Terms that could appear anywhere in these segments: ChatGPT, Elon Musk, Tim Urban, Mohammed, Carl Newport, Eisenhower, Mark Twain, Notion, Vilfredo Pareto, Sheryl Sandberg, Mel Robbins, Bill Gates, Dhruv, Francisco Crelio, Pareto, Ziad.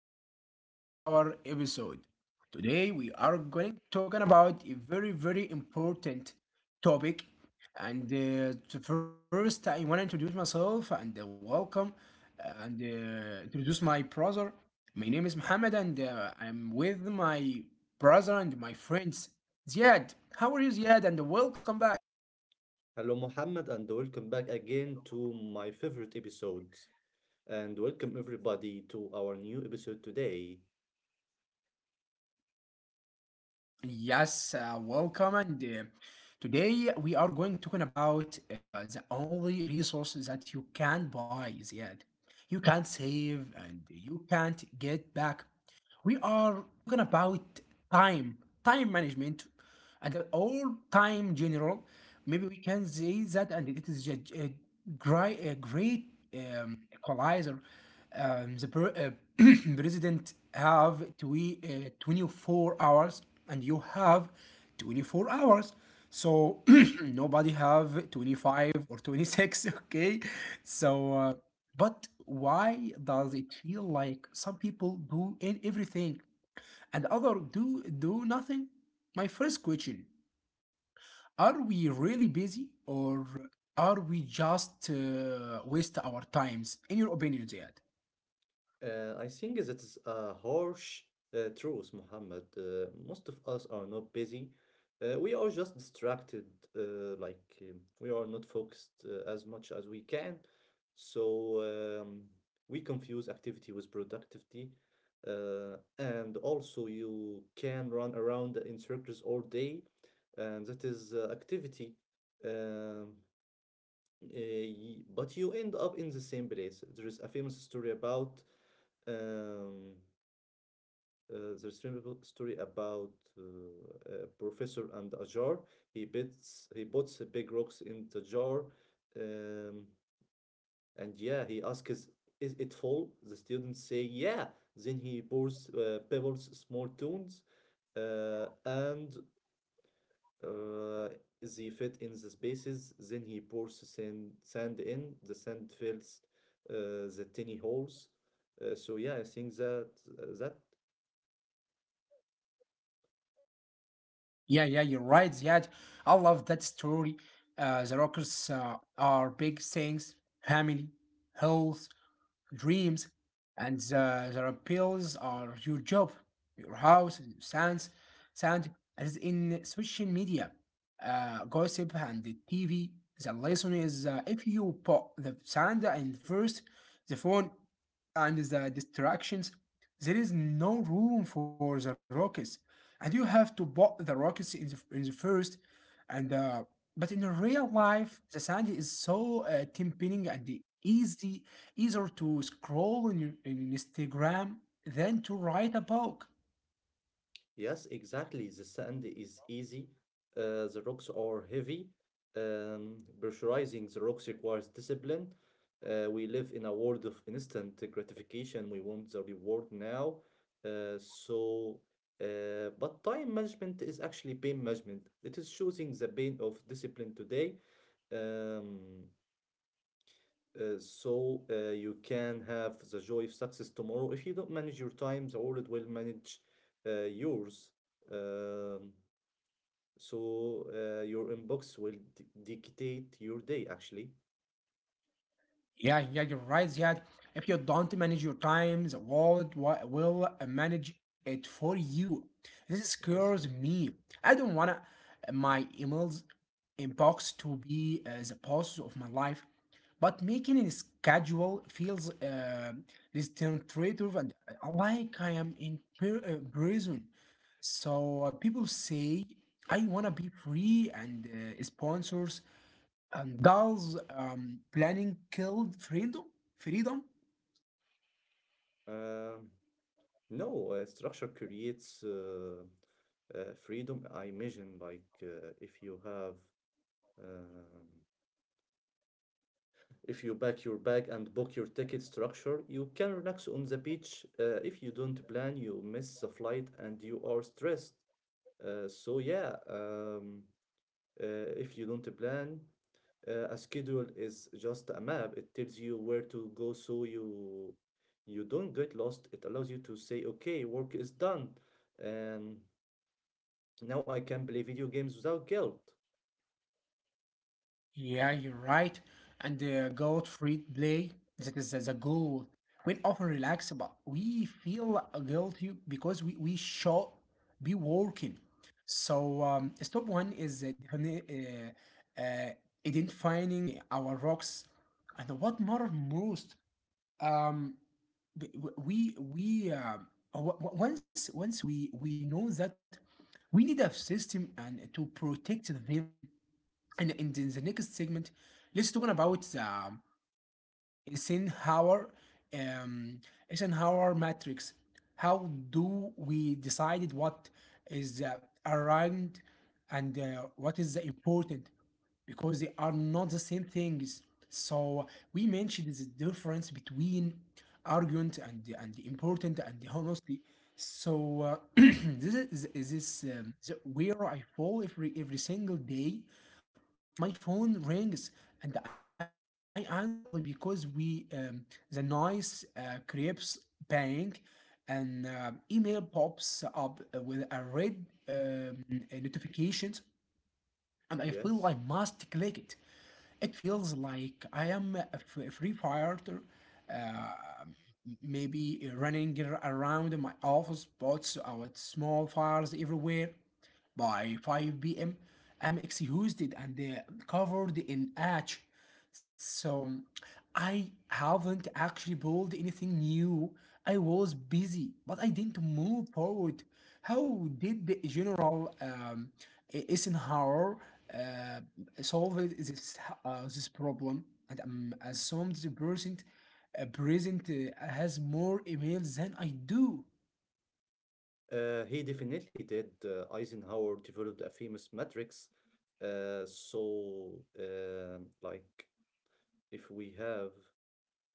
Welcome back to our episode. Today, we are going to talk about a very, very important topic. And to first, I want to introduce myself and welcome and introduce my brother. My name is Mohammed, and I'm with my brother and my friends. Ziad, how are you, Ziad? And welcome back. Hello, Mohammed, and welcome back again to my favorite episodes, and welcome everybody to our new episode today. Yes, welcome. And Today we are going to talking about the only resources that you can buy is yet. You can't save and you can't get back. We are talking about time time management and all time general. Maybe we can say that, and it is a great equalizer. um, the per, uh, president have 24 hours, and you have 24 hours. So nobody have 25 or 26. Okay, so but why does it feel like some people do everything and other do nothing? My first question: Are we really busy, or are we just waste our times? In your opinion, Ziad? I think that is a harsh truth, Muhammad. Most of us are not busy. We are just distracted, we are not focused as much as we can. So we confuse activity with productivity. And also, you can run around in circles all day, and that is activity. Um, but you end up in the same place. There is a famous story about. Um, there's a story about a professor and a jar. He puts big rocks in the jar, um, and yeah, he asks, "Is it full?" The students say, "Yeah." Then he pours pebbles, small stones, and uh, they fit in the spaces. Then he pours sand in. The sand fills the tiny holes. So yeah, I think that. Yeah, yeah, you're right, Ziad. I love that story. The rockers are big things: family, health, dreams, and the repels are your job, your house, sound, as in social media, gossip, and the TV. The lesson is, if you put the sound in first, the phone and the distractions, there is no room for the rockets, and you have to put the rockets in the first. And but in real life, the sand is so tempting and easier to scroll in Instagram than to write a book. Yes, exactly. The sand is easy. The rocks are heavy. Pressurizing the rocks requires discipline. We live in a world of instant gratification. We want the reward now. Uh, so, but time management is actually pain management. It is choosing the pain of discipline today. Um, you can have the joy of success tomorrow. If you don't manage your time, the world will manage yours. Um, your inbox will d dictate your day, actually. Yeah, yeah, you're right, Ziad. If you don't manage your times, the world will manage it for you. This Yes. scares Mm. me. I don't want my emails inbox to be the boss of my life, but making a schedule feels restrictive and like I am in prison. So people say I want to be free, and sponsors and does planning kill freedom? Freedom? Um, no, structure creates freedom. I imagine, like, if you have. Um, If you pack your bag and book your ticket structure, you can relax on the beach. If you don't plan, you miss the flight and you are stressed. Uh, so yeah, um, if you don't plan, a schedule is just a map. It tells you where to go, so you don't get lost. It allows you to say, okay, work is done, and now I can play video games without guilt. Yeah, you're right. And the goat free play, that is the goal. We often relax, but we feel guilty because we should be working. So, step one is uh, uh, identifying our rocks and what matter most. Um, we w- w- once once we know that we need a system and to protect them. And in the next segment, let's talk about the Eisenhower um, Eisenhower matrix. How do we decide what is around and what is the important? Because they are not the same things. So we mentioned the difference between argument and important and honestly. So this is where I fall every single day. My phone rings, and I answer it immediately because we the noise creeps bang, and email pops up with a red notifications, and I Yes. feel I must click it. It feels like I am a free fighter, uh, maybe running around my office, pots out small fires everywhere. By 5 p.m., I'm exhausted and covered in ash. So I haven't actually built anything new. I was busy, but I didn't move forward. How did the General Eisenhower uh, solve this problem? And assumed the present has more emails than I do. He definitely did. Eisenhower developed a famous matrix. So, like, if we have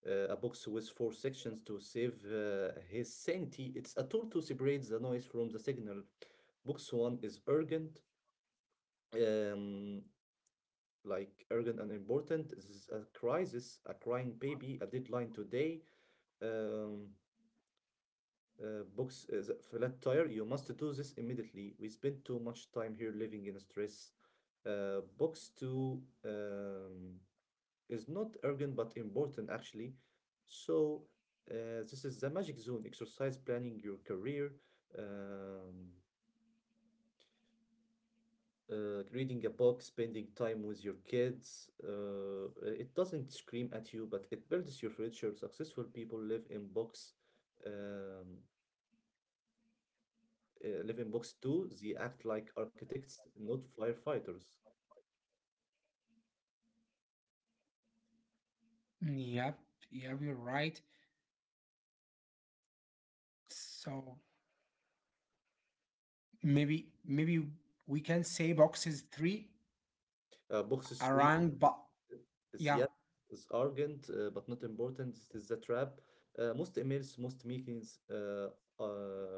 a box with four sections to save his sanity, it's a tool to separate the noise from the signal. Box one is urgent, um, like urgent and important. This is a crisis, a crying baby, a deadline today. Um, box The flat tire. You must do this immediately. We spend too much time here living in stress. Box two is not urgent but important actually. So this is the magic zone. Exercise planning your career, um, reading a book, spending time with your kids. It doesn't scream at you, but it builds your future. Successful people live in box. Um, Live in box two, they act like architects, not firefighters. Yep, yeah, you're right. So maybe we can say boxes three Box three, around, but they yeah, act as arrogant but not important. It is a trap. Most emails, most meetings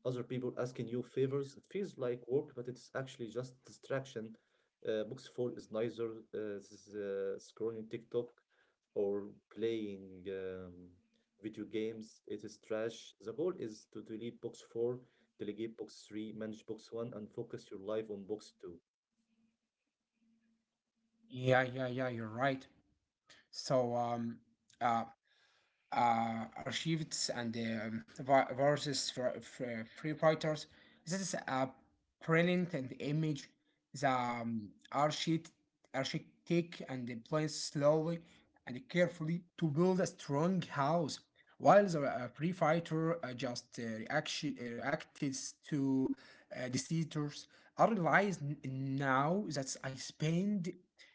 other people asking you favors. It feels like work, but it's actually just distraction. Books fall is neither scrolling TikTok or playing video games. It is trash. The goal is to delete box four, delegate box three, manage box one, and focus your life on box two. Yeah, you're right. So uh, archivists and versus free fighters. This is a brilliant and image. The architect and the plans slowly and carefully to build a strong house, while the free fighter just reacts to the seizures. I realize now that I spend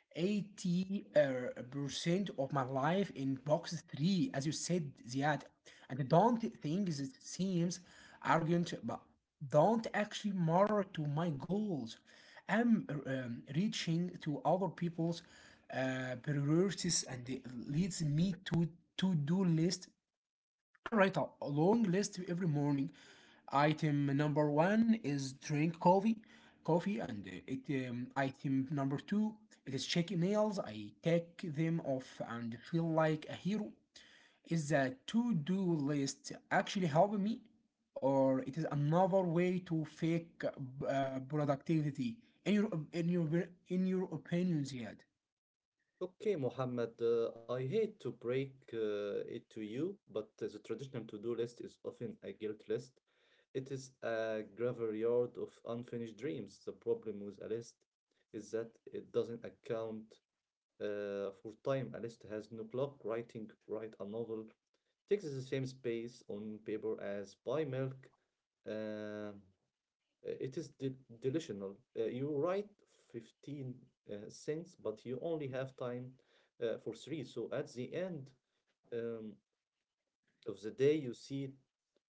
80 percent of my life in box three, as you said, Ziad. And I don't think it seems arrogant, but don't actually matter to my goals. I'm reaching to other people's priorities, and it leads me to do list. I write a long list every morning. Item number one is drink coffee, and it. Item number two, it is check emails. I take them off and feel like a hero. Is the to-do list actually helping me, or it is another way to fake productivity? In your, in your, in your opinions, yet? Okay, Mohammed, I hate to break it to you, but the traditional to-do list is often a guilt list. It is a graveyard of unfinished dreams. The problem with a list is that it doesn't account for time. A list has no clock. Writing, write a novel, takes the same space on paper as buy milk. Um It is de delusional. You write 15 cents, but you only have time for three. So at the end um, of the day, you see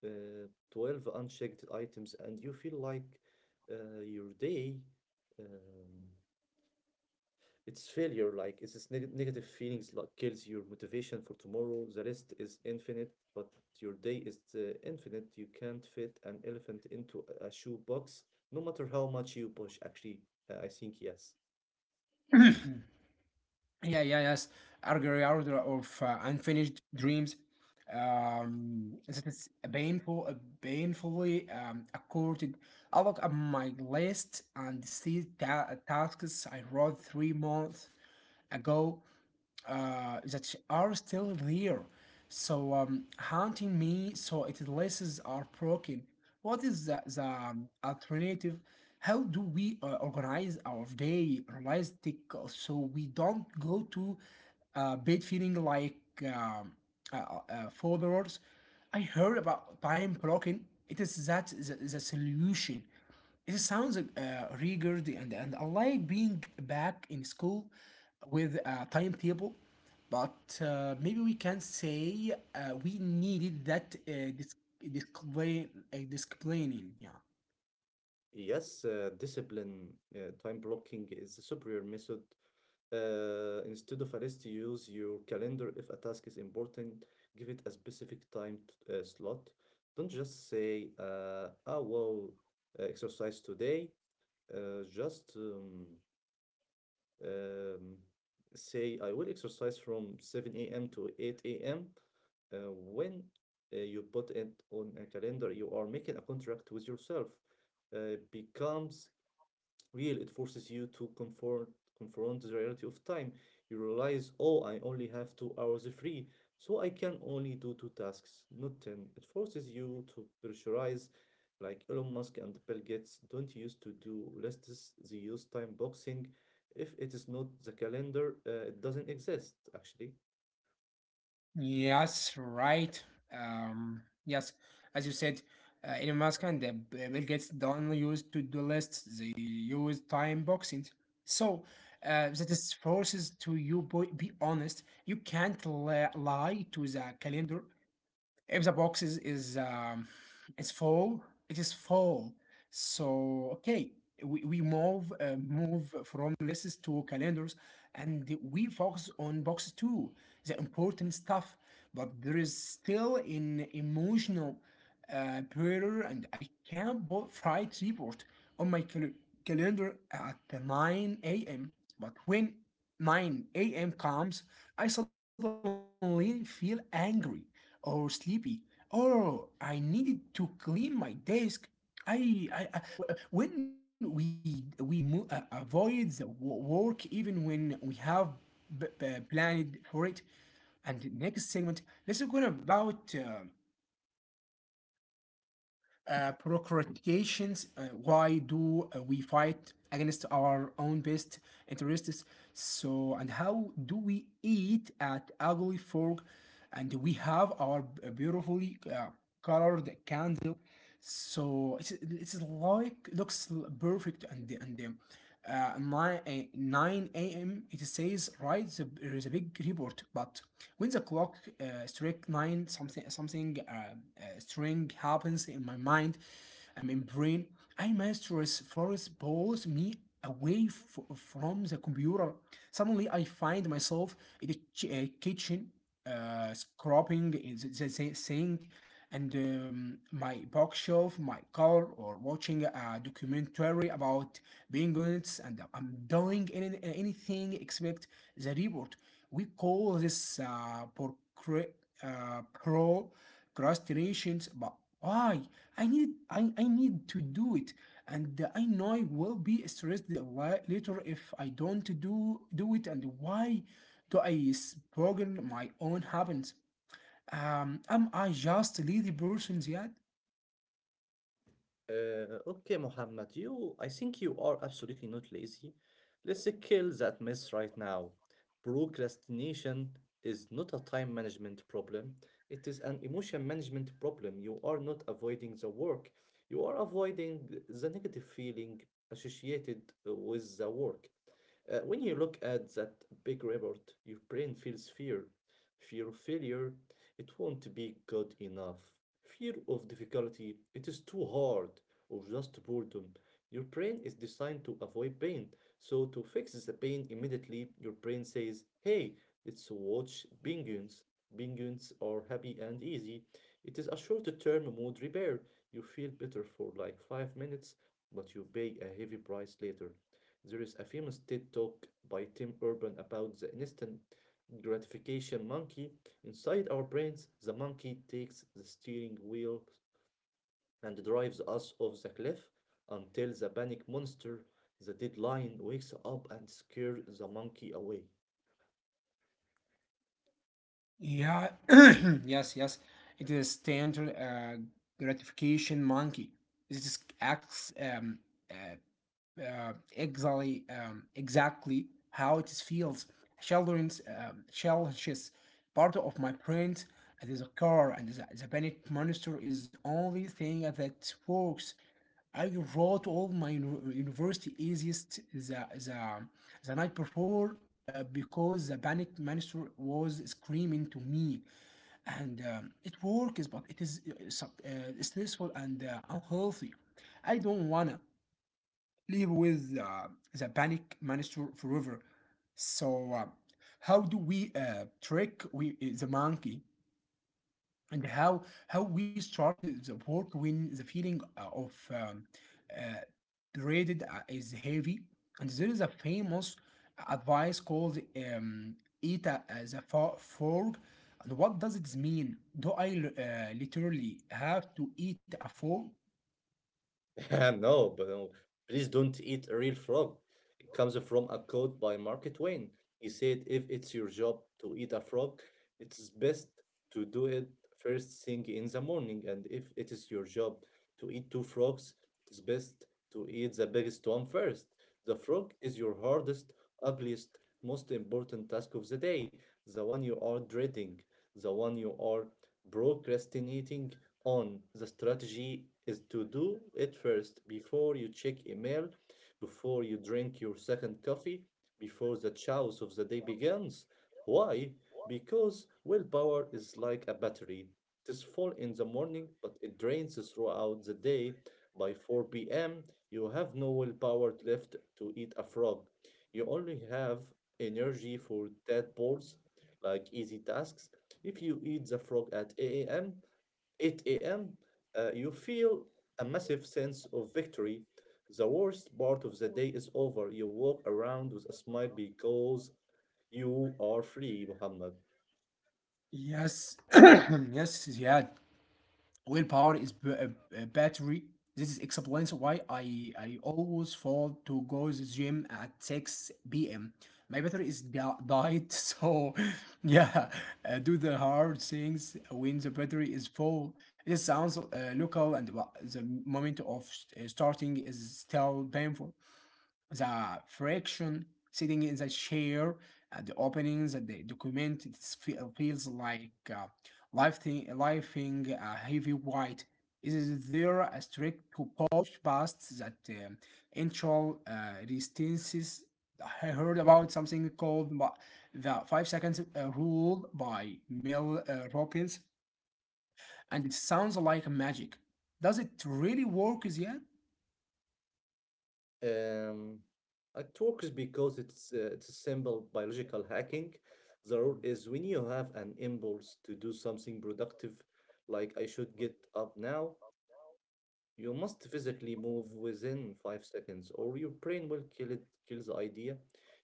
12 unchecked items and you feel like your day um, it's failure, like it's this negative feelings like kills your motivation for tomorrow. The rest is infinite, but your day is infinite. You can't fit an elephant into a shoebox, no matter how much you push. Actually, I think yes. Yeah, yeah, yes. Argyriard of Unfinished Dreams. That is a painfully accorded. I look at my list and see tasks I wrote 3 months ago that are still there. So haunting me, so its laces are broken. What is the alternative? How do we organize our day realistic so we don't go to bed feeling like um, folders? I heard about time blocking. It is that the solution. It sounds rigid and I like being back in school with a timetable, but maybe we can say we needed that discipline, disciplining. Yeah. Yes, discipline, time blocking is the superior method. Instead of a list, you use your calendar. If a task is important, give it a specific slot. Don't just say, oh, well, exercise today. Just um, say I will exercise from 7 a.m. to 8 a.m. When you put it on a calendar, you are making a contract with yourself. Becomes real. It forces you to confront the reality of time. You realize, oh, I only have 2 hours free, so I can only do two tasks, not ten. It forces you to pressurize, like Elon Musk and Bill Gates don't use to do lists. They use time boxing. If it is not the calendar, it doesn't exist actually. Yes, right. Yes, as you said, Elon Musk and Bill Gates don't use to-do lists; they use time boxings. So that is forces to you be honest. You can't lie to the calendar. If the box is full, it is full. So okay, we move move from lists to calendars, and we focus on box two, the important stuff. But there is still an emotional barrier, and I can't put Fright report on my calendar at 9 a.m. But when 9 a.m. comes, I suddenly feel angry or sleepy, or I needed to clean my desk. I w- when we mo- avoid the work even when we have planned for it. And the next segment, let's talk about procrastinations. Why do we fight against our own best interests? So, and how do we eat at ugly fork? And we have our beautifully colored candles, so it's like looks perfect and my 9 a.m. it says right there is a big report, but when the clock strike nine, something string happens in my mind, I mean brain. I mistress first pulls me away from the computer. Suddenly I find myself in the kitchen scrubbing the sink, and my bookshelf, my car, or watching a documentary about penguins, and I'm doing anything except the report. We call this procrastinations, but why? I need to do it, and I know I will be stressed later if I don't do it. And why? Do I spoil my own habits? Am I just lazy person yet? Okay, Muhammad, I think you are absolutely not lazy. Let's kill that myth right now. Procrastination is not a time management problem, it is an emotion management problem. You are not avoiding the work, you are avoiding the negative feeling associated with the work. When you look at that big report, your brain feels fear. Fear of failure, it won't be good enough. Fear of difficulty, it is too hard, or just boredom. Your brain is designed to avoid pain. So, to fix the pain immediately, your brain says, hey, let's watch penguins. Penguins are happy and easy. It is a short term mood repair. You feel better for like 5 minutes, but you pay a heavy price later. There is a famous TED talk by Tim Urban about the instant gratification monkey. Inside our brains, the monkey takes the steering wheel and drives us off the cliff until the panic monster, the deadline, wakes up and scares the monkey away. Yeah, yes, yes. It is standard gratification monkey. This acts uh, exactly how it feels. Children's challenges part of my brain. It is a car, and the panic monster is the only thing that works. I wrote all my university easiest the night before because the panic minister was screaming to me, and it works, but it is stressful and unhealthy. I don't wanna live with the panic minister forever. So, how do we trick we the monkey? And how we start the work when the feeling of uh, dreaded is heavy. And there is a famous advice called eat the frog. And what does it mean? Do I literally have to eat a frog? No, but no, please don't eat a real frog. It comes from a quote by Mark Twain. He said, if it's your job to eat a frog, it's best to do it first thing in the morning. And if it is your job to eat two frogs, it's best to eat the biggest one first. The frog is your hardest, ugliest, most important task of the day, the one you are dreading, the one you are procrastinating on. The strategy is to do it first before you check email, before you drink your second coffee, before the chaos of the day begins. Why? Because willpower is like a battery. It is full in the morning, but it drains throughout the day. By 4 p.m., you have no willpower left to eat a frog. You only have energy for tadpoles, like easy tasks. If you eat the frog at 8 a.m., 8 a.m., you feel a massive sense of victory. The worst part of the day is over. You walk around with a smile because you are free, Muhammad. Yes, yes, yeah. Willpower is battery. This is explains why I always fall to go to the gym at 6 p.m. My battery is died, so yeah, do the hard things when the battery is full. It sounds local, and the moment of starting is still painful, the friction sitting in the chair and the openings and the document. It feels like lifting a heavy weight. Is there a trick to push past that initial resistances? I heard about something called the 5 seconds rule by Mel Robbins, and it sounds like magic. Does it really work yet? Um, it works because it's a simple biological hacking. The rule is when you have an impulse to do something productive, like I should get up now, you must physically move within 5 seconds, or your brain will kill the idea.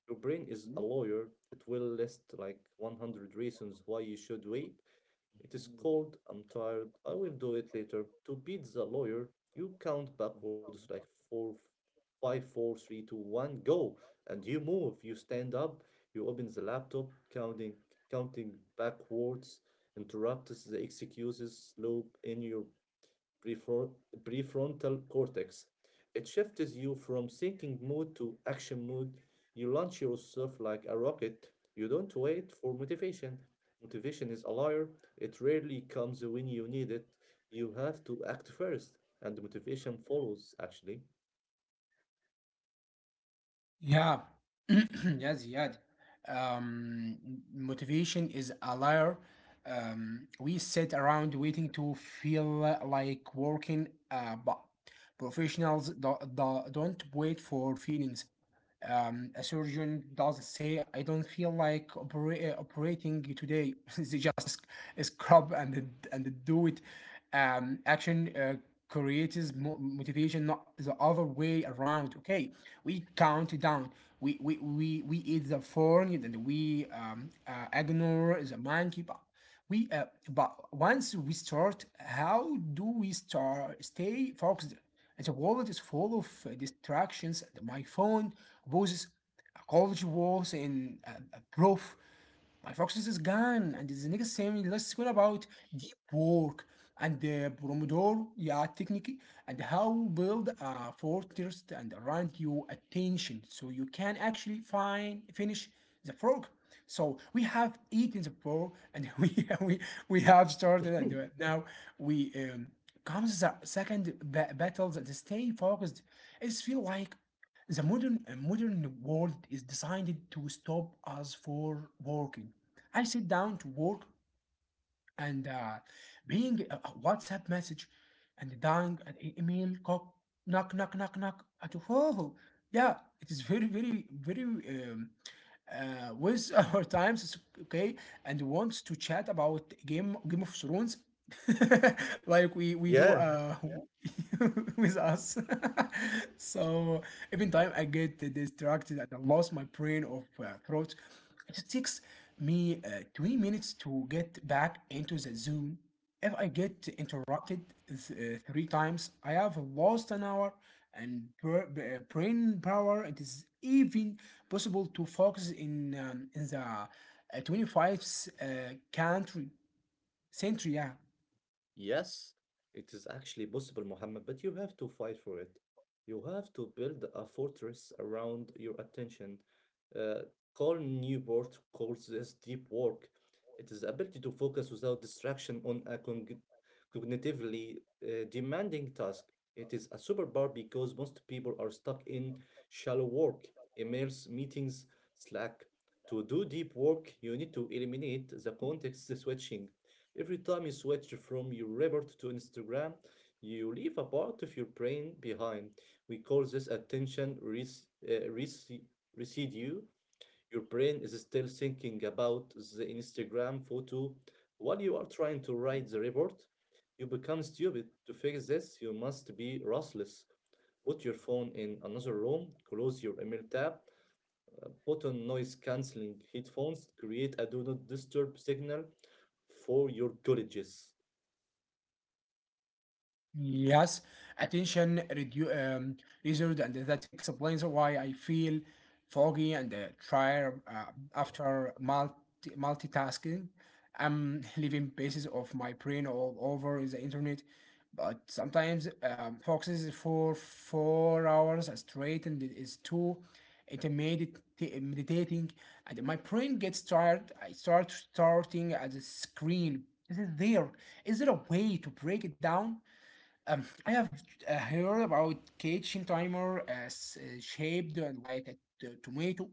Your brain is a Mhm. lawyer. It will list like 100 reasons why you should wait. It is cold. I'm tired. I will do it later. To beat the lawyer, you count backwards like five, four, three, two, one, go, and you move. You stand up. You open the laptop, counting backwards. Interrupts the excuses loop in your prefron- prefrontal cortex. It shifts you from thinking mode to action mode. You launch yourself like a rocket. You don't wait for motivation. Motivation is a liar. It rarely comes when you need it. You have to act first, and the motivation follows, actually. Yeah. Yes, yeah. Um, motivation is a liar. We sit around waiting to feel like working, but professionals don't wait for feelings. A surgeon does say, I don't feel like operating today. They just scrub and do it. Action creates motivation, not the other way around. Okay, we count down. We eat the phone and we ignore the monkey. We but once we start, how do we start stay focused? And the world is full of distractions. My phone poses college walls and a proof my focus is gone. And the next saying, let's talk about deep work and the Pomodoro, yeah, technique, and how build a fortress and around your attention so you can actually find finish the frog. So we have eaten the frog and we, we have started and now we um, comes the second battle, that stay focused. It's feel like the modern modern world is designed to stop us for working. I sit down to work and being a WhatsApp message and dying an email cock, knock at. Oh, yeah, it is very with our times. Okay, and wants to chat about Game of Thrones. Like we do Yeah, uh. With us. So even time I get distracted and I lost my brain of throat. It takes me 20 minutes to get back into the zone if I get interrupted three times, I have lost an hour and brain power. It is even possible to focus in the 25th country century. Yeah. yes, it is actually possible, Muhammad, but you have to fight for it. You have to build a fortress around your attention. Uh, Carl Newport calls this deep work. It is the ability to focus without distraction on a cognitively demanding task. It is a superpower because most people are stuck in shallow work, emails, meetings, Slack. To do deep work, you need to eliminate the context switching. Every time you switch from your report to Instagram, you leave a part of your brain behind. We call this residue. Your brain is still thinking about the Instagram photo while you are trying to write the report. You become stupid. To fix this, you must be restless. Put your phone in another room, close your email tab, put on noise cancelling headphones, create a do not disturb signal for your colleges. Yes, attention reserved, and that explains why I feel foggy and tired after multitasking. I'm leaving pieces of my brain all over the internet, but sometimes focuses for 4 hours straight, and it is too intermediate meditating, and my brain gets tired. I starting at the screen. Is it there? Is there a way to break it down? I have heard about kitchen timer as shaped and like a tomato.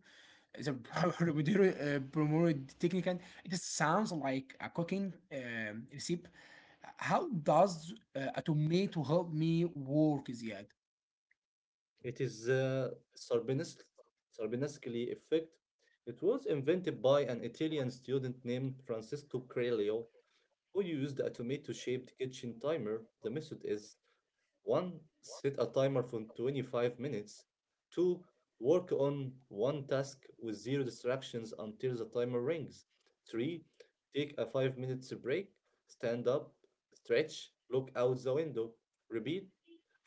The Pomodoro technique. And It sounds like a cooking recipe. How does a tomato help me work, Ziad? It is the Sarbenascali effect. It was invented by an Italian student named Francisco Crelio, who used a tomato shaped kitchen timer. The method is one, set a timer for 25 minutes. Two, work on one task with zero distractions until the timer rings. Three, take a 5 minute break, stand up, stretch, look out the window, repeat.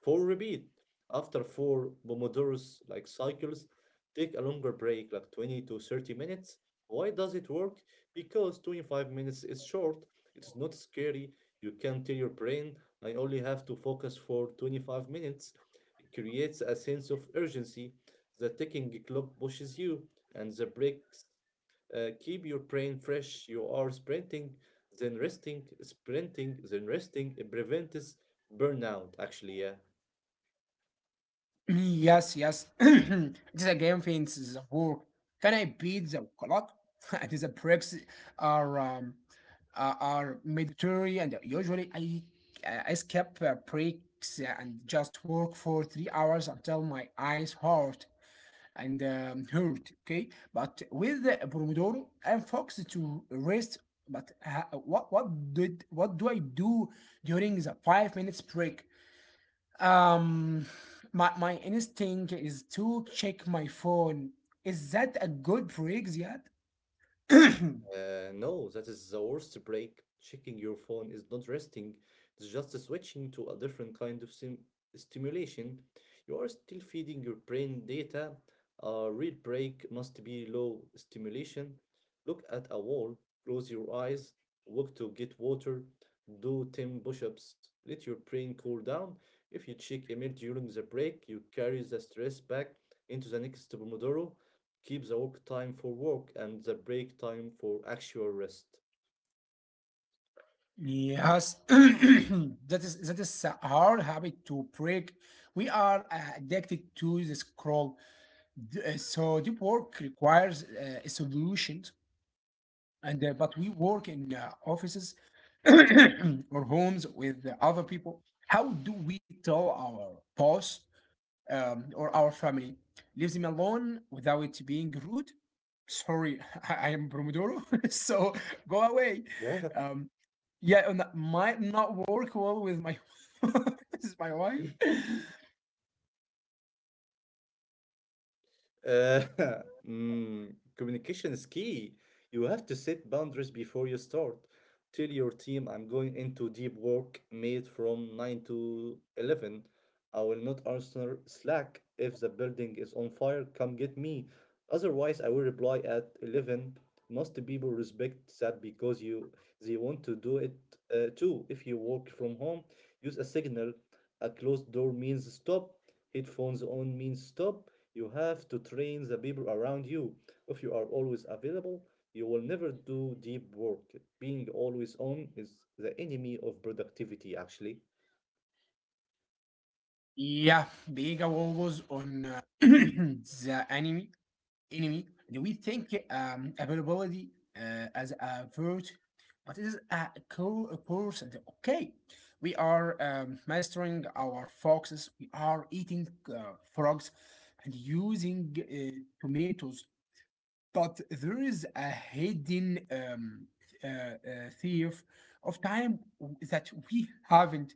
Four, repeat. After four Pomodoros like cycles, take a longer break, like 20 to 30 minutes. Why does it work? Because 25 minutes is short, it's not scary, you can tell your brain I only have to focus for 25 minutes. It creates a sense of urgency. The ticking clock pushes you, and the breaks keep your brain fresh. You are sprinting, then resting, sprinting, then resting. It prevents burnout, actually, yeah. Yes, yes. The game thinks the work. Can I beat the clock? And the breaks are um, are mandatory, and usually I skip breaks and just work for 3 hours until my eyes hurt and hurt. Okay, but with the Pomodoro, I'm focused to rest. But what do I do during the 5 minutes break? Um, my instinct is to check my phone. Is that a good break, Ziad? No, that is the worst break. Checking your phone is not resting, it's just switching to a different kind of sim stimulation. You are still feeding your brain data. A real break must be low stimulation. Look at a wall, close your eyes, walk to get water, do 10 push ups, let your brain cool down. If you check email during the break, you carry the stress back into the next Pomodoro keep the work time for work and the break time for actual rest. Yes, that is a hard habit to break. We are addicted to the scroll. So deep work requires solutions. And but we work in offices or homes with the other people. How do we tell our boss or our family? Leaves him alone without being rude. Sorry, I am Pomodoro, so go away. Yeah. Um, yeah, and that might not work well with my with my wife. Uh, communication is key. You have to set boundaries before you start. Tell your team I'm going into deep work made from 9 to 11. I will not answer Slack. If the building is on fire, come get me. Otherwise, I will reply at 11. Most people respect that because you they want to do it too. If you work from home, use a signal. A closed door means stop. Headphones on means stop. You have to train the people around you. If you are always available, you will never do deep work. Being always on is the enemy of productivity, actually. Yeah, being a Wolves on the anime enemy. And we think availability as a virtue, but it is a core course. And okay, we are mastering our foxes. We are eating frogs and using tomatoes. But there is a hidden uh, uh, thief of time that we haven't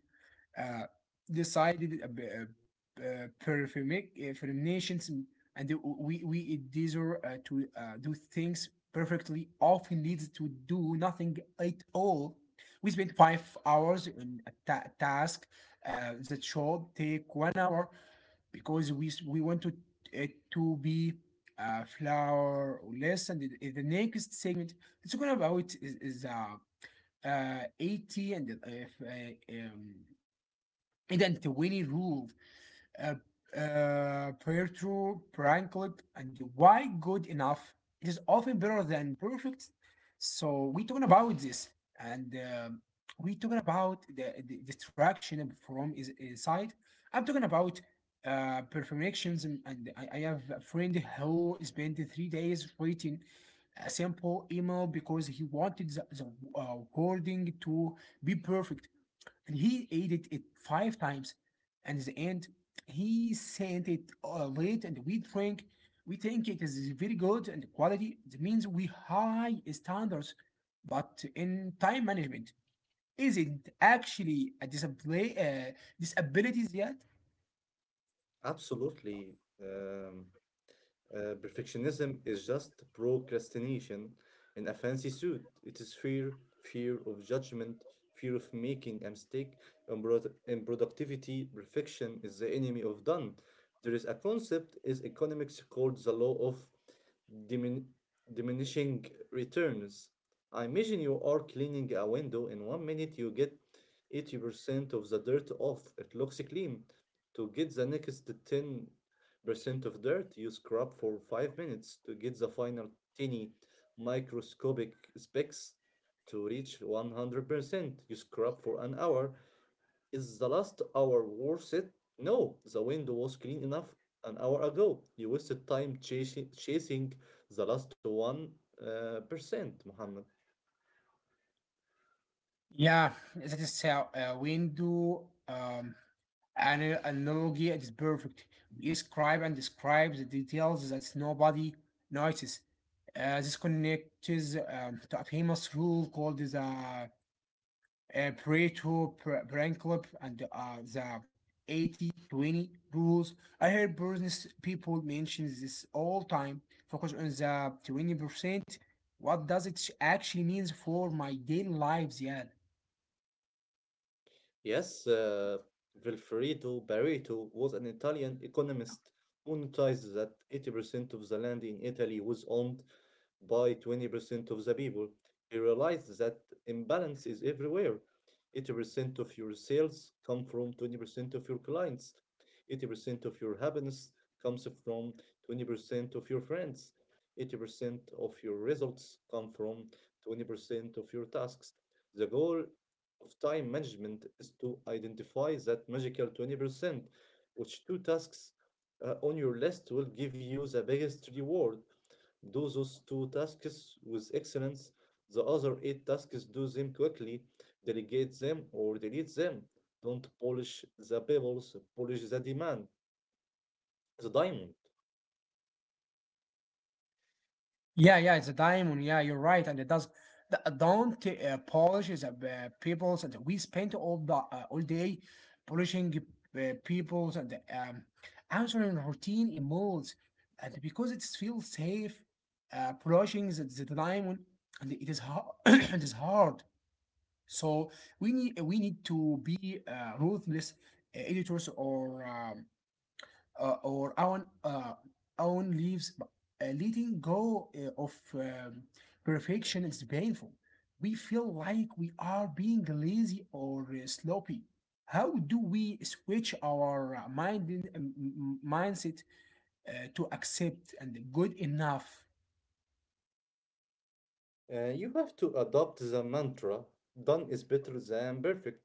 uh, decided perfect from nations, and we desire to do things perfectly often leads to do nothing at all. We spend 5 hours in a task that should take 1 hour because we want to it to be flower less. And in the next segment, it's going about is 80 and اذا تويني رولed uh, Pietro Pranklip, and why good enough, it is often better than perfect. So we're talking about this, and um, we're talking about the distraction from is side. I'm talking about perfectionism, and I have a friend who spent 3 days writing a simple email because he wanted the wording to be perfect, and he ate it five times. And at the end, he sent it late, and we drink. We think it is very good and quality. It means we high standards, but in time management isn't actually a disability disabilities yet. Absolutely. Um, Perfectionism is just procrastination in a fancy suit. It is fear, fear of judgment, fear of making a mistake. In productivity, perfection is the enemy of done. There is a concept is economics called the law of dimin- diminishing returns. I imagine you are cleaning a window. In 1 minute, you get 80% of the dirt off. It looks clean. To get the next 10% of dirt, you scrub for 5 minutes to get the final tiny microscopic specks. To reach 100%, you scrub for an hour. Is the last hour worth it? No, the window was clean enough an hour ago. You wasted time chasing the last one percent, Muhammad. Yeah, that is how window an analogy is perfect. You describe and describe the details that nobody notices. This connects to a famous rule called the Pareto principle and the 80-20 rules. I hear business people mention this all time. Focus on the 20%. What does it actually mean for my daily lives? Yeah. Yes, Vilfredo Pareto was an Italian economist who noticed that 80% of the land in Italy was owned by 20% of the people. He realized that imbalance is everywhere. 80% of your sales come from 20% of your clients. 80% of your happiness comes from 20% of your friends. 80% of your results come from 20% of your tasks. The goal of time management is to identify that magical 20%, which two tasks on your list will give you the biggest reward. Do those two tasks with excellence. The other eight tasks, do them quickly, delegate them or delete them. Don't polish the pebbles, polish the diamond. Yeah, yeah, it's a diamond. Yeah, you're right, and it does. The, don't polish is people's, and we spent all the all day polishing people's and answering routine emails, and because it feels safe, polishing is the diamond, and it is hard. It is hard. So we need to be ruthless editors or. Or our own lives, letting go of perfection is painful. We feel like we are being lazy or sloppy. How do we switch our mindset to accept and good enough? You have to adopt the mantra done is better than perfect.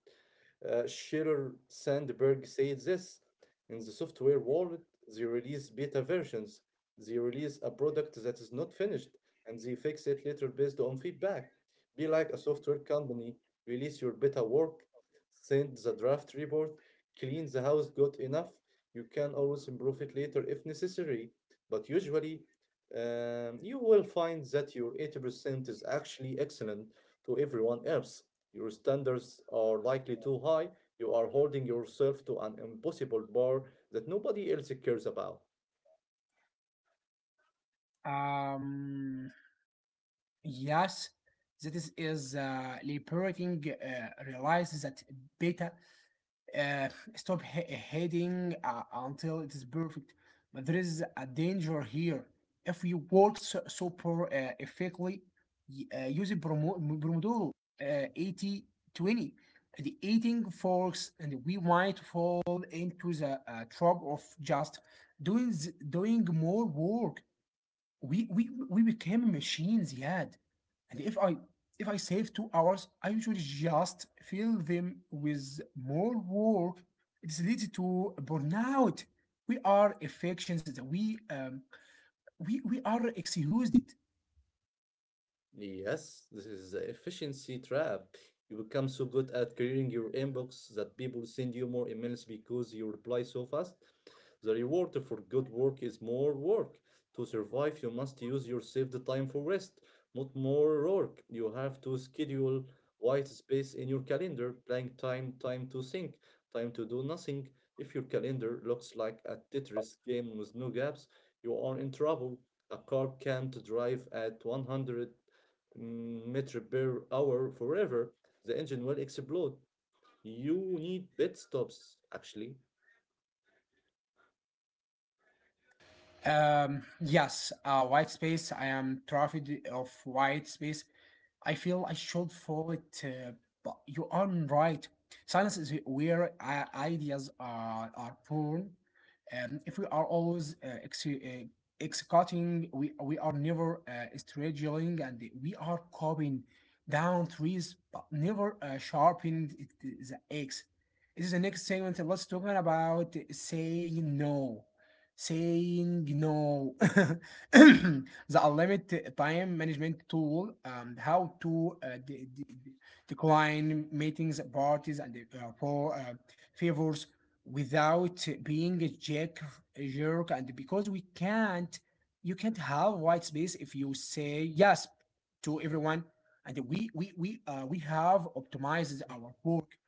Sheryl Sandberg said this. In the software world, they release beta versions, they release a product that is not finished, and they fix it later based on feedback. Be like a software company, release your beta work, send the draft report, clean the house good enough. You can always improve it later if necessary, but usually you will find that your 80% is actually excellent to everyone else. Your standards are likely too high. You are holding yourself to an impossible bar that nobody else cares about. Um, yes, that is liberating. Realize that better uh, stop heading until it is perfect. But there is a danger here. If you work so poor, effectively, using Pomodoro 80 20, the eating forks, and we might fall into the trap of just doing, doing more work. We became machines yet, and if I save 2 hours I usually just fill them with more work. It's leads to burnout. We are affections that we we are excused. Yes, this is the efficiency trap. You become so good at clearing your inbox that people send you more emails because you reply so fast. The reward for good work is more work. To survive, you must use your saved time for rest, not more work. You have to schedule white space in your calendar, blank time, time to think, time to do nothing. If your calendar looks like a Tetris game with no gaps, you are in trouble. A car can't drive at 100 meter per hour forever, the engine will explode. You need pit stops, actually. Um, yes, uh, white space, I am trafficked of white space. I feel I should follow it, but you are right. Silence is where ideas are born. If we are always executing, we are never strategizing, and we are copying down trees, but never sharpened it, the axe. This is the next segment. Let's talk about saying no. Saying no. The unlimited time management tool, and how to decline meetings, parties, and for favors without being a jerk, a jerk. And because we can't, you can't have white space if you say yes to everyone. And we have optimized our work.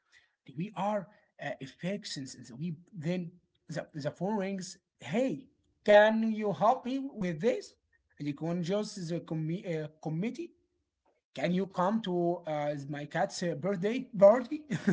We are affections. We then the phone rings. Hey, can you help me with this? And you can just the committee, can you come to my cat's birthday party?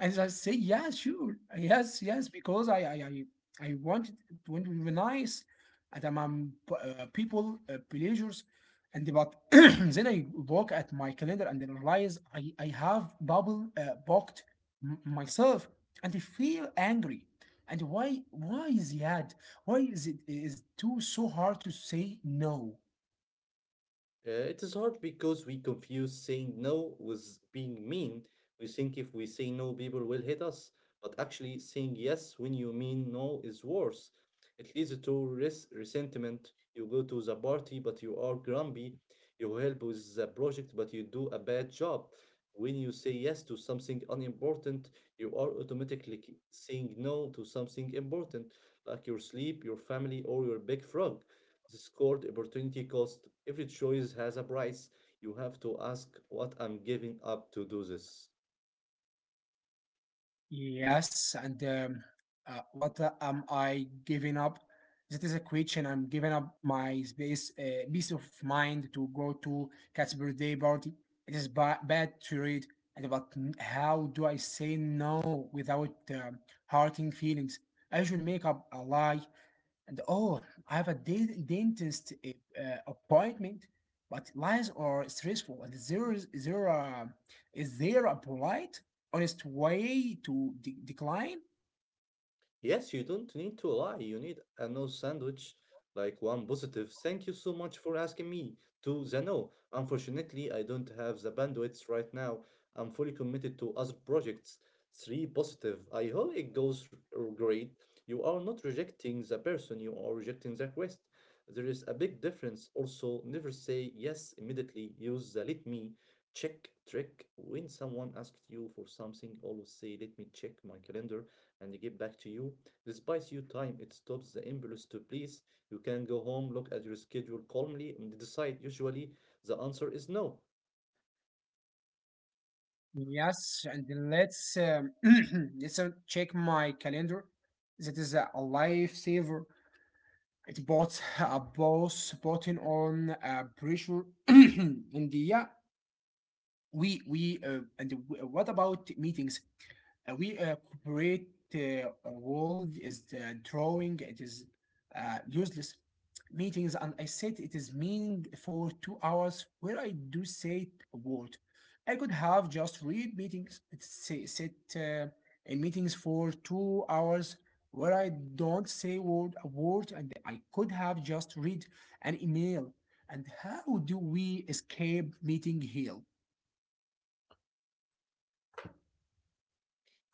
And I say, yeah, sure. Yes, yes, because I want want to be nice, and I'm, people, pleasures. And but then I look at my calendar and then realize I have bubble booked myself, and I feel angry. And why is that? Why is it is too so hard to say no? It is hard because we confuse saying no with being mean. We think if we say no, people will hit us. But actually, saying yes when you mean no is worse. It leads to resentment. You go to the party, but you are grumpy. You help with the project, but you do a bad job. When you say yes to something unimportant, you are automatically saying no to something important, like your sleep, your family, or your big frog discord, opportunity cost. Every choice has a price. You have to ask what I'm giving up to do this. Yes, and what am I giving up? That is a question. I'm giving up my space, peace of mind to go to cat's birthday party. It is bad to read, and but how do I say no without hurting feelings? I usually make up a lie, and oh, I have a dentist appointment, but lies are stressful. And there is there a polite, honest way to decline? Yes, you don't need to lie. You need a no sandwich, like one positive. Thank you so much for asking me to the no. Unfortunately, I don't have the bandwidth right now. I'm fully committed to other projects. Three positive. I hope it goes great. You are not rejecting the person, you are rejecting the request. There is a big difference. Also, never say yes immediately. Use the let me check trick. When someone asks you for something, always say let me check my calendar and give back to you. This buys you time. It stops the impulse to please. You can go home, look at your schedule calmly, and decide. Usually, the answer is no. Yes, and let's let's check my calendar. That is a lifesaver. It bought a boss button on pressure. And yeah, we and what about meetings? We corporate world is the drawing. It is useless meetings, and I said it is meaning for 2 hours where I do say a word. I could have just read meetings. It say, sit in meetings for 2 hours where I don't say word a word, and I could have just read an email. And how do we escape meeting hell?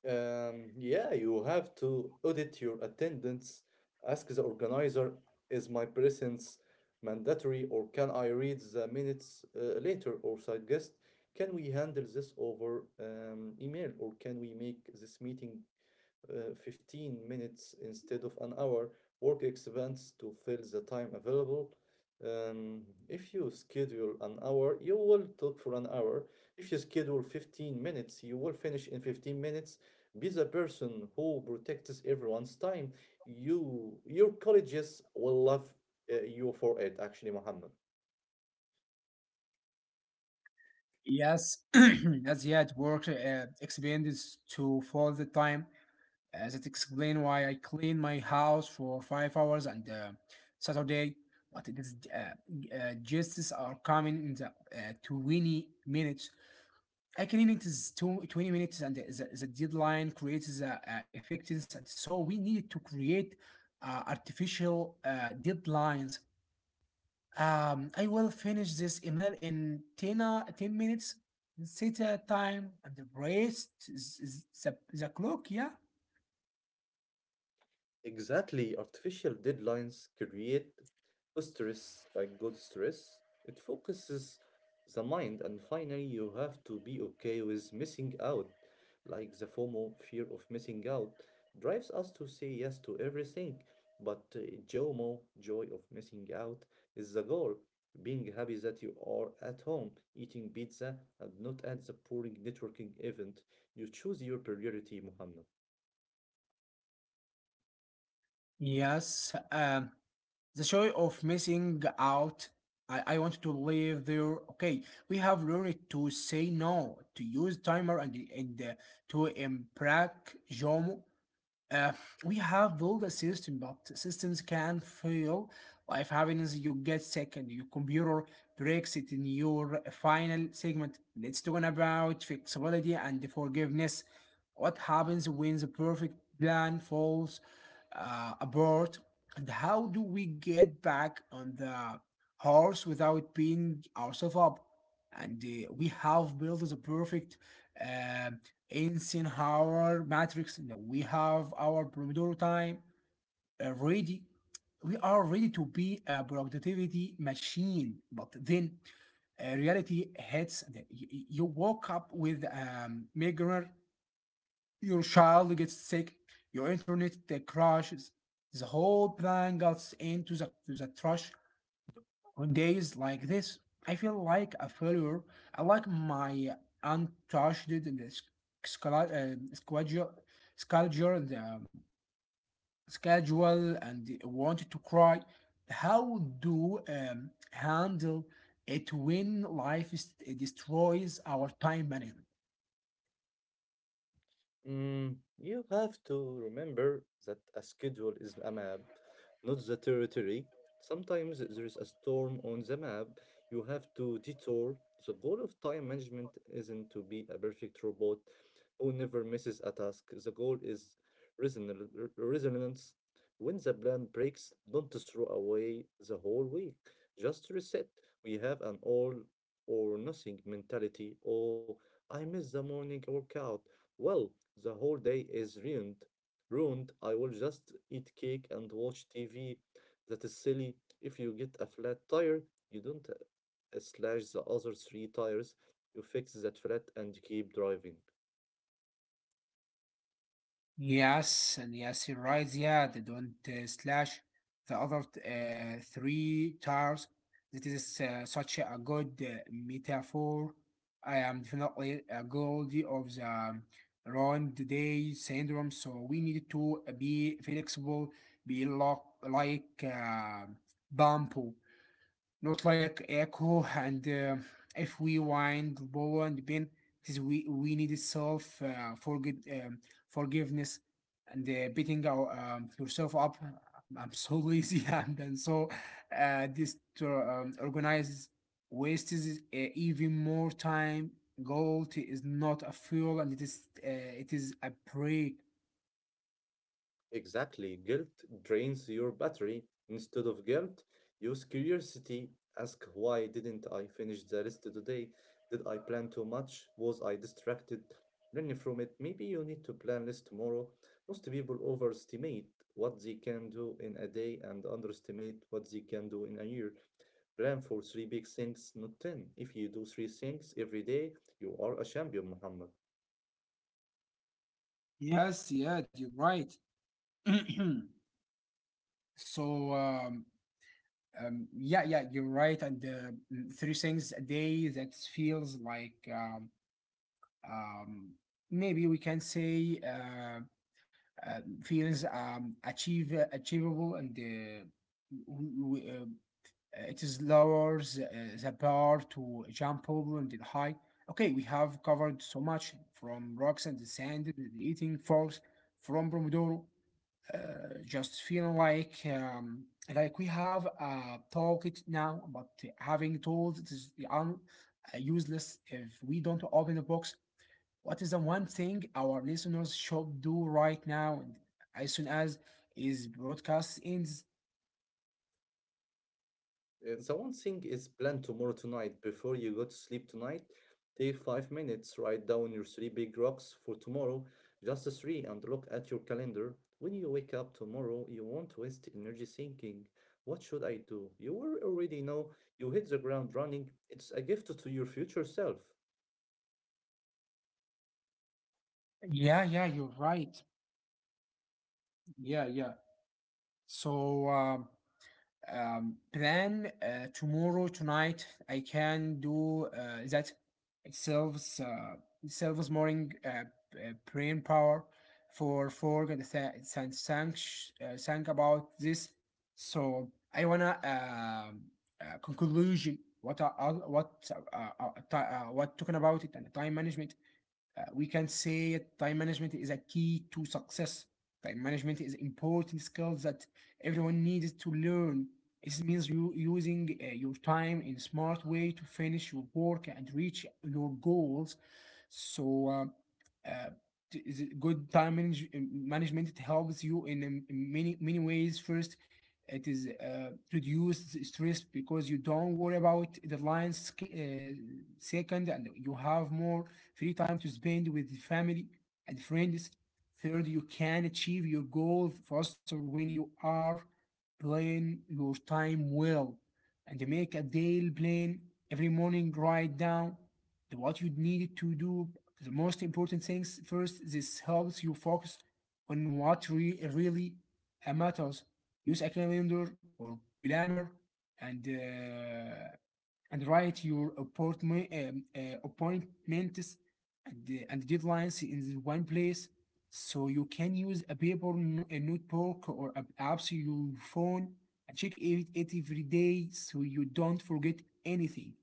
Yeah, you have to audit your attendance. Ask the organizer, is my presence mandatory or can I read the minutes later? Or suggest, can we handle this over email or can we make this meeting 15 minutes instead of an hour. Work expands to fill the time available. Um, if you schedule an hour, you will talk for an hour. If you schedule 15 minutes, you will finish in 15 minutes. Be the person who protects everyone's time. Your colleges will love you for it, actually, Muhammad. Yes, as he had work expenses to fall the time. That explain why I clean my house for 5 hours and Saturday. But it is guests are coming in the 20 minutes. I clean it is 2 20 minutes and the deadline creates the effectiveness. So we need to create artificial deadlines. I will finish this email in 10 minutes. Set a time and the rest is the clock, yeah? Exactly, artificial deadlines create a stress, like good stress. It focuses the mind, and finally, you have to be okay with missing out. Like the FOMO, fear of missing out, drives us to say yes to everything. But JOMO, joy of missing out, is the goal. Being happy that you are at home, eating pizza, and not at the boring networking event. You choose your priority, Muhammad. Yes. The joy of missing out. I want to live there. Okay, we have learned to say no, to use timer and to embrace JOMO. Uh, we have built a system, but systems can fail. Life happens, you get sick, and your computer breaks it in your final segment. Let's talk about flexibility and forgiveness. What happens when the perfect plan falls apart? And how do we get back on the horse without beating ourselves up? And We have built the perfect uh, insane our matrix. We have our Pomodoro time ready. We are ready to be a productivity machine, but then reality hits. You woke up with migraine. Your child gets sick. Your internet crashes. The whole plan gets into the trash. On days like this, I feel like a failure. I like my untouched sc- scla- uh, schedule, schedule, and wanted to cry. How do handle it when life destroys our time management? Mm, you have to remember that a schedule is a map, not the territory. Sometimes there is a storm on the map. You have to detour. The goal of time management isn't to be a perfect robot who never misses a task. The goal is resonance. When the plan breaks, don't throw away the whole week. Just reset. We have an all or nothing mentality. Oh, I missed the morning workout. Well, the whole day is ruined. Ruined. I will just eat cake and watch TV. That is silly. If you get a flat tire, you don't slash the other three tires. You fix that flat and keep driving. Yes, and yes, you're right. Yeah, they don't slash the other three tires. That is such a good metaphor. I am definitely guilty of the round day syndrome. So we need to be flexible, be lock, like bamboo not like echo and if we wind bow and pin it is we need self forget forgiveness and beating yourself up. I'm so lazy and so this to, organizes wastes even more time. Gold is not a fuel and it is a break. Exactly. Guilt drains your battery. Instead of guilt, use curiosity. Ask why didn't I finish the list today? Did I plan too much? Was I distracted? Learn from it. Maybe you need to plan less tomorrow. Most people overestimate what they can do in a day and underestimate what they can do in a year. Plan for three big things, not ten. If you do three things every day, you are a champion, Muhammad. Yes, yeah, you're right. So yeah, yeah, you're right. Three things a day that feels like um, maybe we can say feels achieve achievable and w- w- uh, it is lowers the bar to jump over and then high. Okay, we have covered so much from rocks and the sand, the eating forks, from Pomodoro uh, just feel like we have talked now, but having tools it is useless if we don't open the box. What is the one thing our listeners should do right now, and as soon as is broadcast ends? The one thing is planned tomorrow tonight. Before you go to sleep tonight, take 5 minute, write down your three big rocks for tomorrow, just the three, and look at your calendar. When you wake up tomorrow, you won't waste energy thinking, what should I do? You will already know you hit the ground running. It's a gift to your future self. Yeah, yeah, you're right. Yeah, yeah. So. um Plan tomorrow tonight, I can do that. It serves uh, it serves morning brain power for forg and th- th- thank sh- thank about this. So I wanna conclusion what I what talking about it and time management. We can say time management is a key to success. Time management is important skill that everyone needs to learn. It means you using your time in a smart way to finish your work and reach your goals. so, uh, uh, is it good management helps you in many many ways. First, it is reduce the stress because you don't worry about deadlines. Second, and you have more free time to spend with the family and friends. Third, you can achieve your goal faster when you are plan your time well and make a daily plan every morning. Write down what you need to do the most important things first. This helps you focus on what really matters. Use a calendar or planner and and write your appointments and and deadlines in one place, so you can use a paper a notebook or apps your phone, and check it every day so you don't forget anything.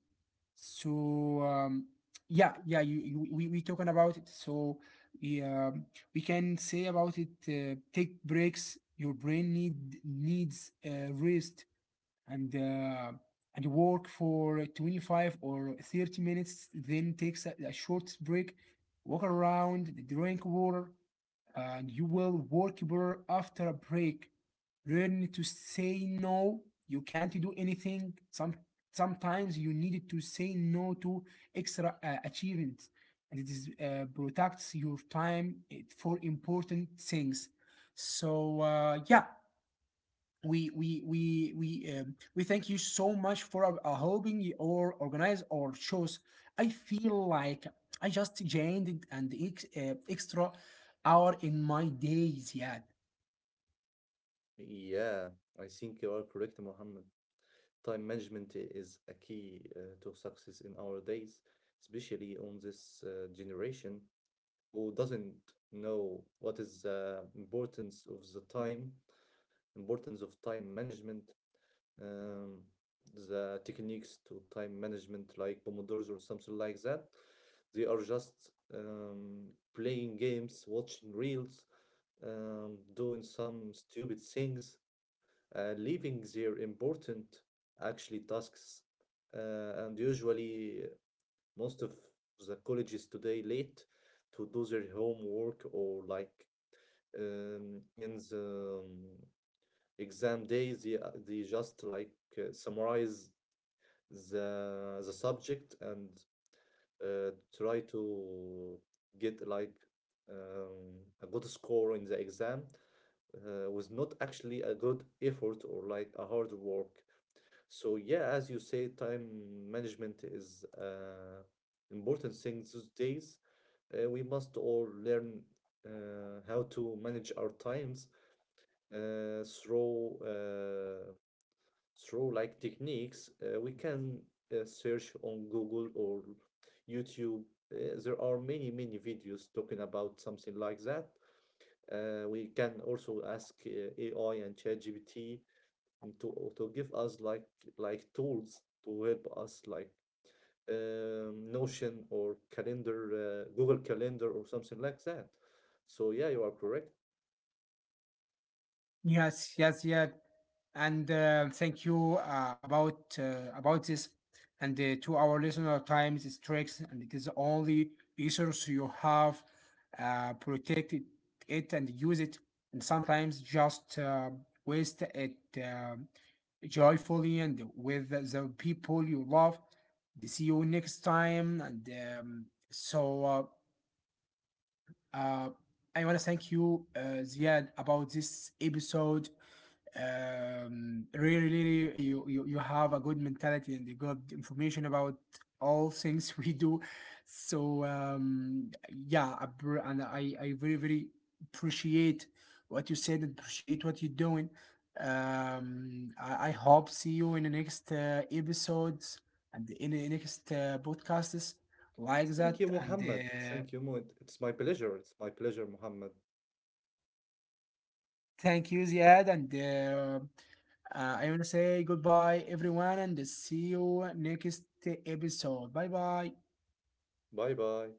So yeah, yeah, you we talking about it. So yeah, we can say about it. Take breaks. Your brain needs rest and and work for 25 or 30 minutes. Then takes a short break, walk around, drink water, and you will work better after a break. Learn to say no. You can't do anything. Sometimes you need to say no to extra achievements, and it is protects your time for important things. So yeah, we thank you so much for helping or organize our shows. I feel like I just gained an extra hour in my days. Yeah, Yeah, I think you are correct, Mohammed. Time management is a key to success in our days, especially on this generation who doesn't know what is the importance of the time, importance of time management, um, the techniques to time management like Pomodoro's or something like that. They are just playing games, watching reels, doing some stupid things, leaving their important actually tasks. And usually, most of the colleges today late to do their homework, or like in the exam day they just like summarize the subject and try to get like a good score in the exam was not actually a good effort or like a hard work. So yeah, as you say, time management is important thing these days. We must all learn how to manage our times uh, through uh, through like techniques we can search on Google or YouTube. There are many many videos talking about something like that. We can also ask AI and ChatGPT to give us like tools to help us like Notion or calendar, Google Calendar or something like that. So yeah, you are correct. yes, yes, yeah, and thank you about this, and to our listener, times is tricks, and it is only resource you have. Protect it, it and use it, and sometimes just waste it um joyfully and with the people you love. See you next time, and um, so uh, uh, I want to thank you, Ziad, about this episode. Really, really, you have a good mentality and you got information about all things we do. So yeah, I br- and I very very appreciate what you said and appreciate what you're doing. I hope see you in the next episodes and in the next podcasts like that. Thank you, And Mohammed. Thank you. It's my pleasure. It's my pleasure, Mohammed. Thank you, Ziad, and I want to say goodbye, everyone, and see you next episode. Bye bye. Bye bye.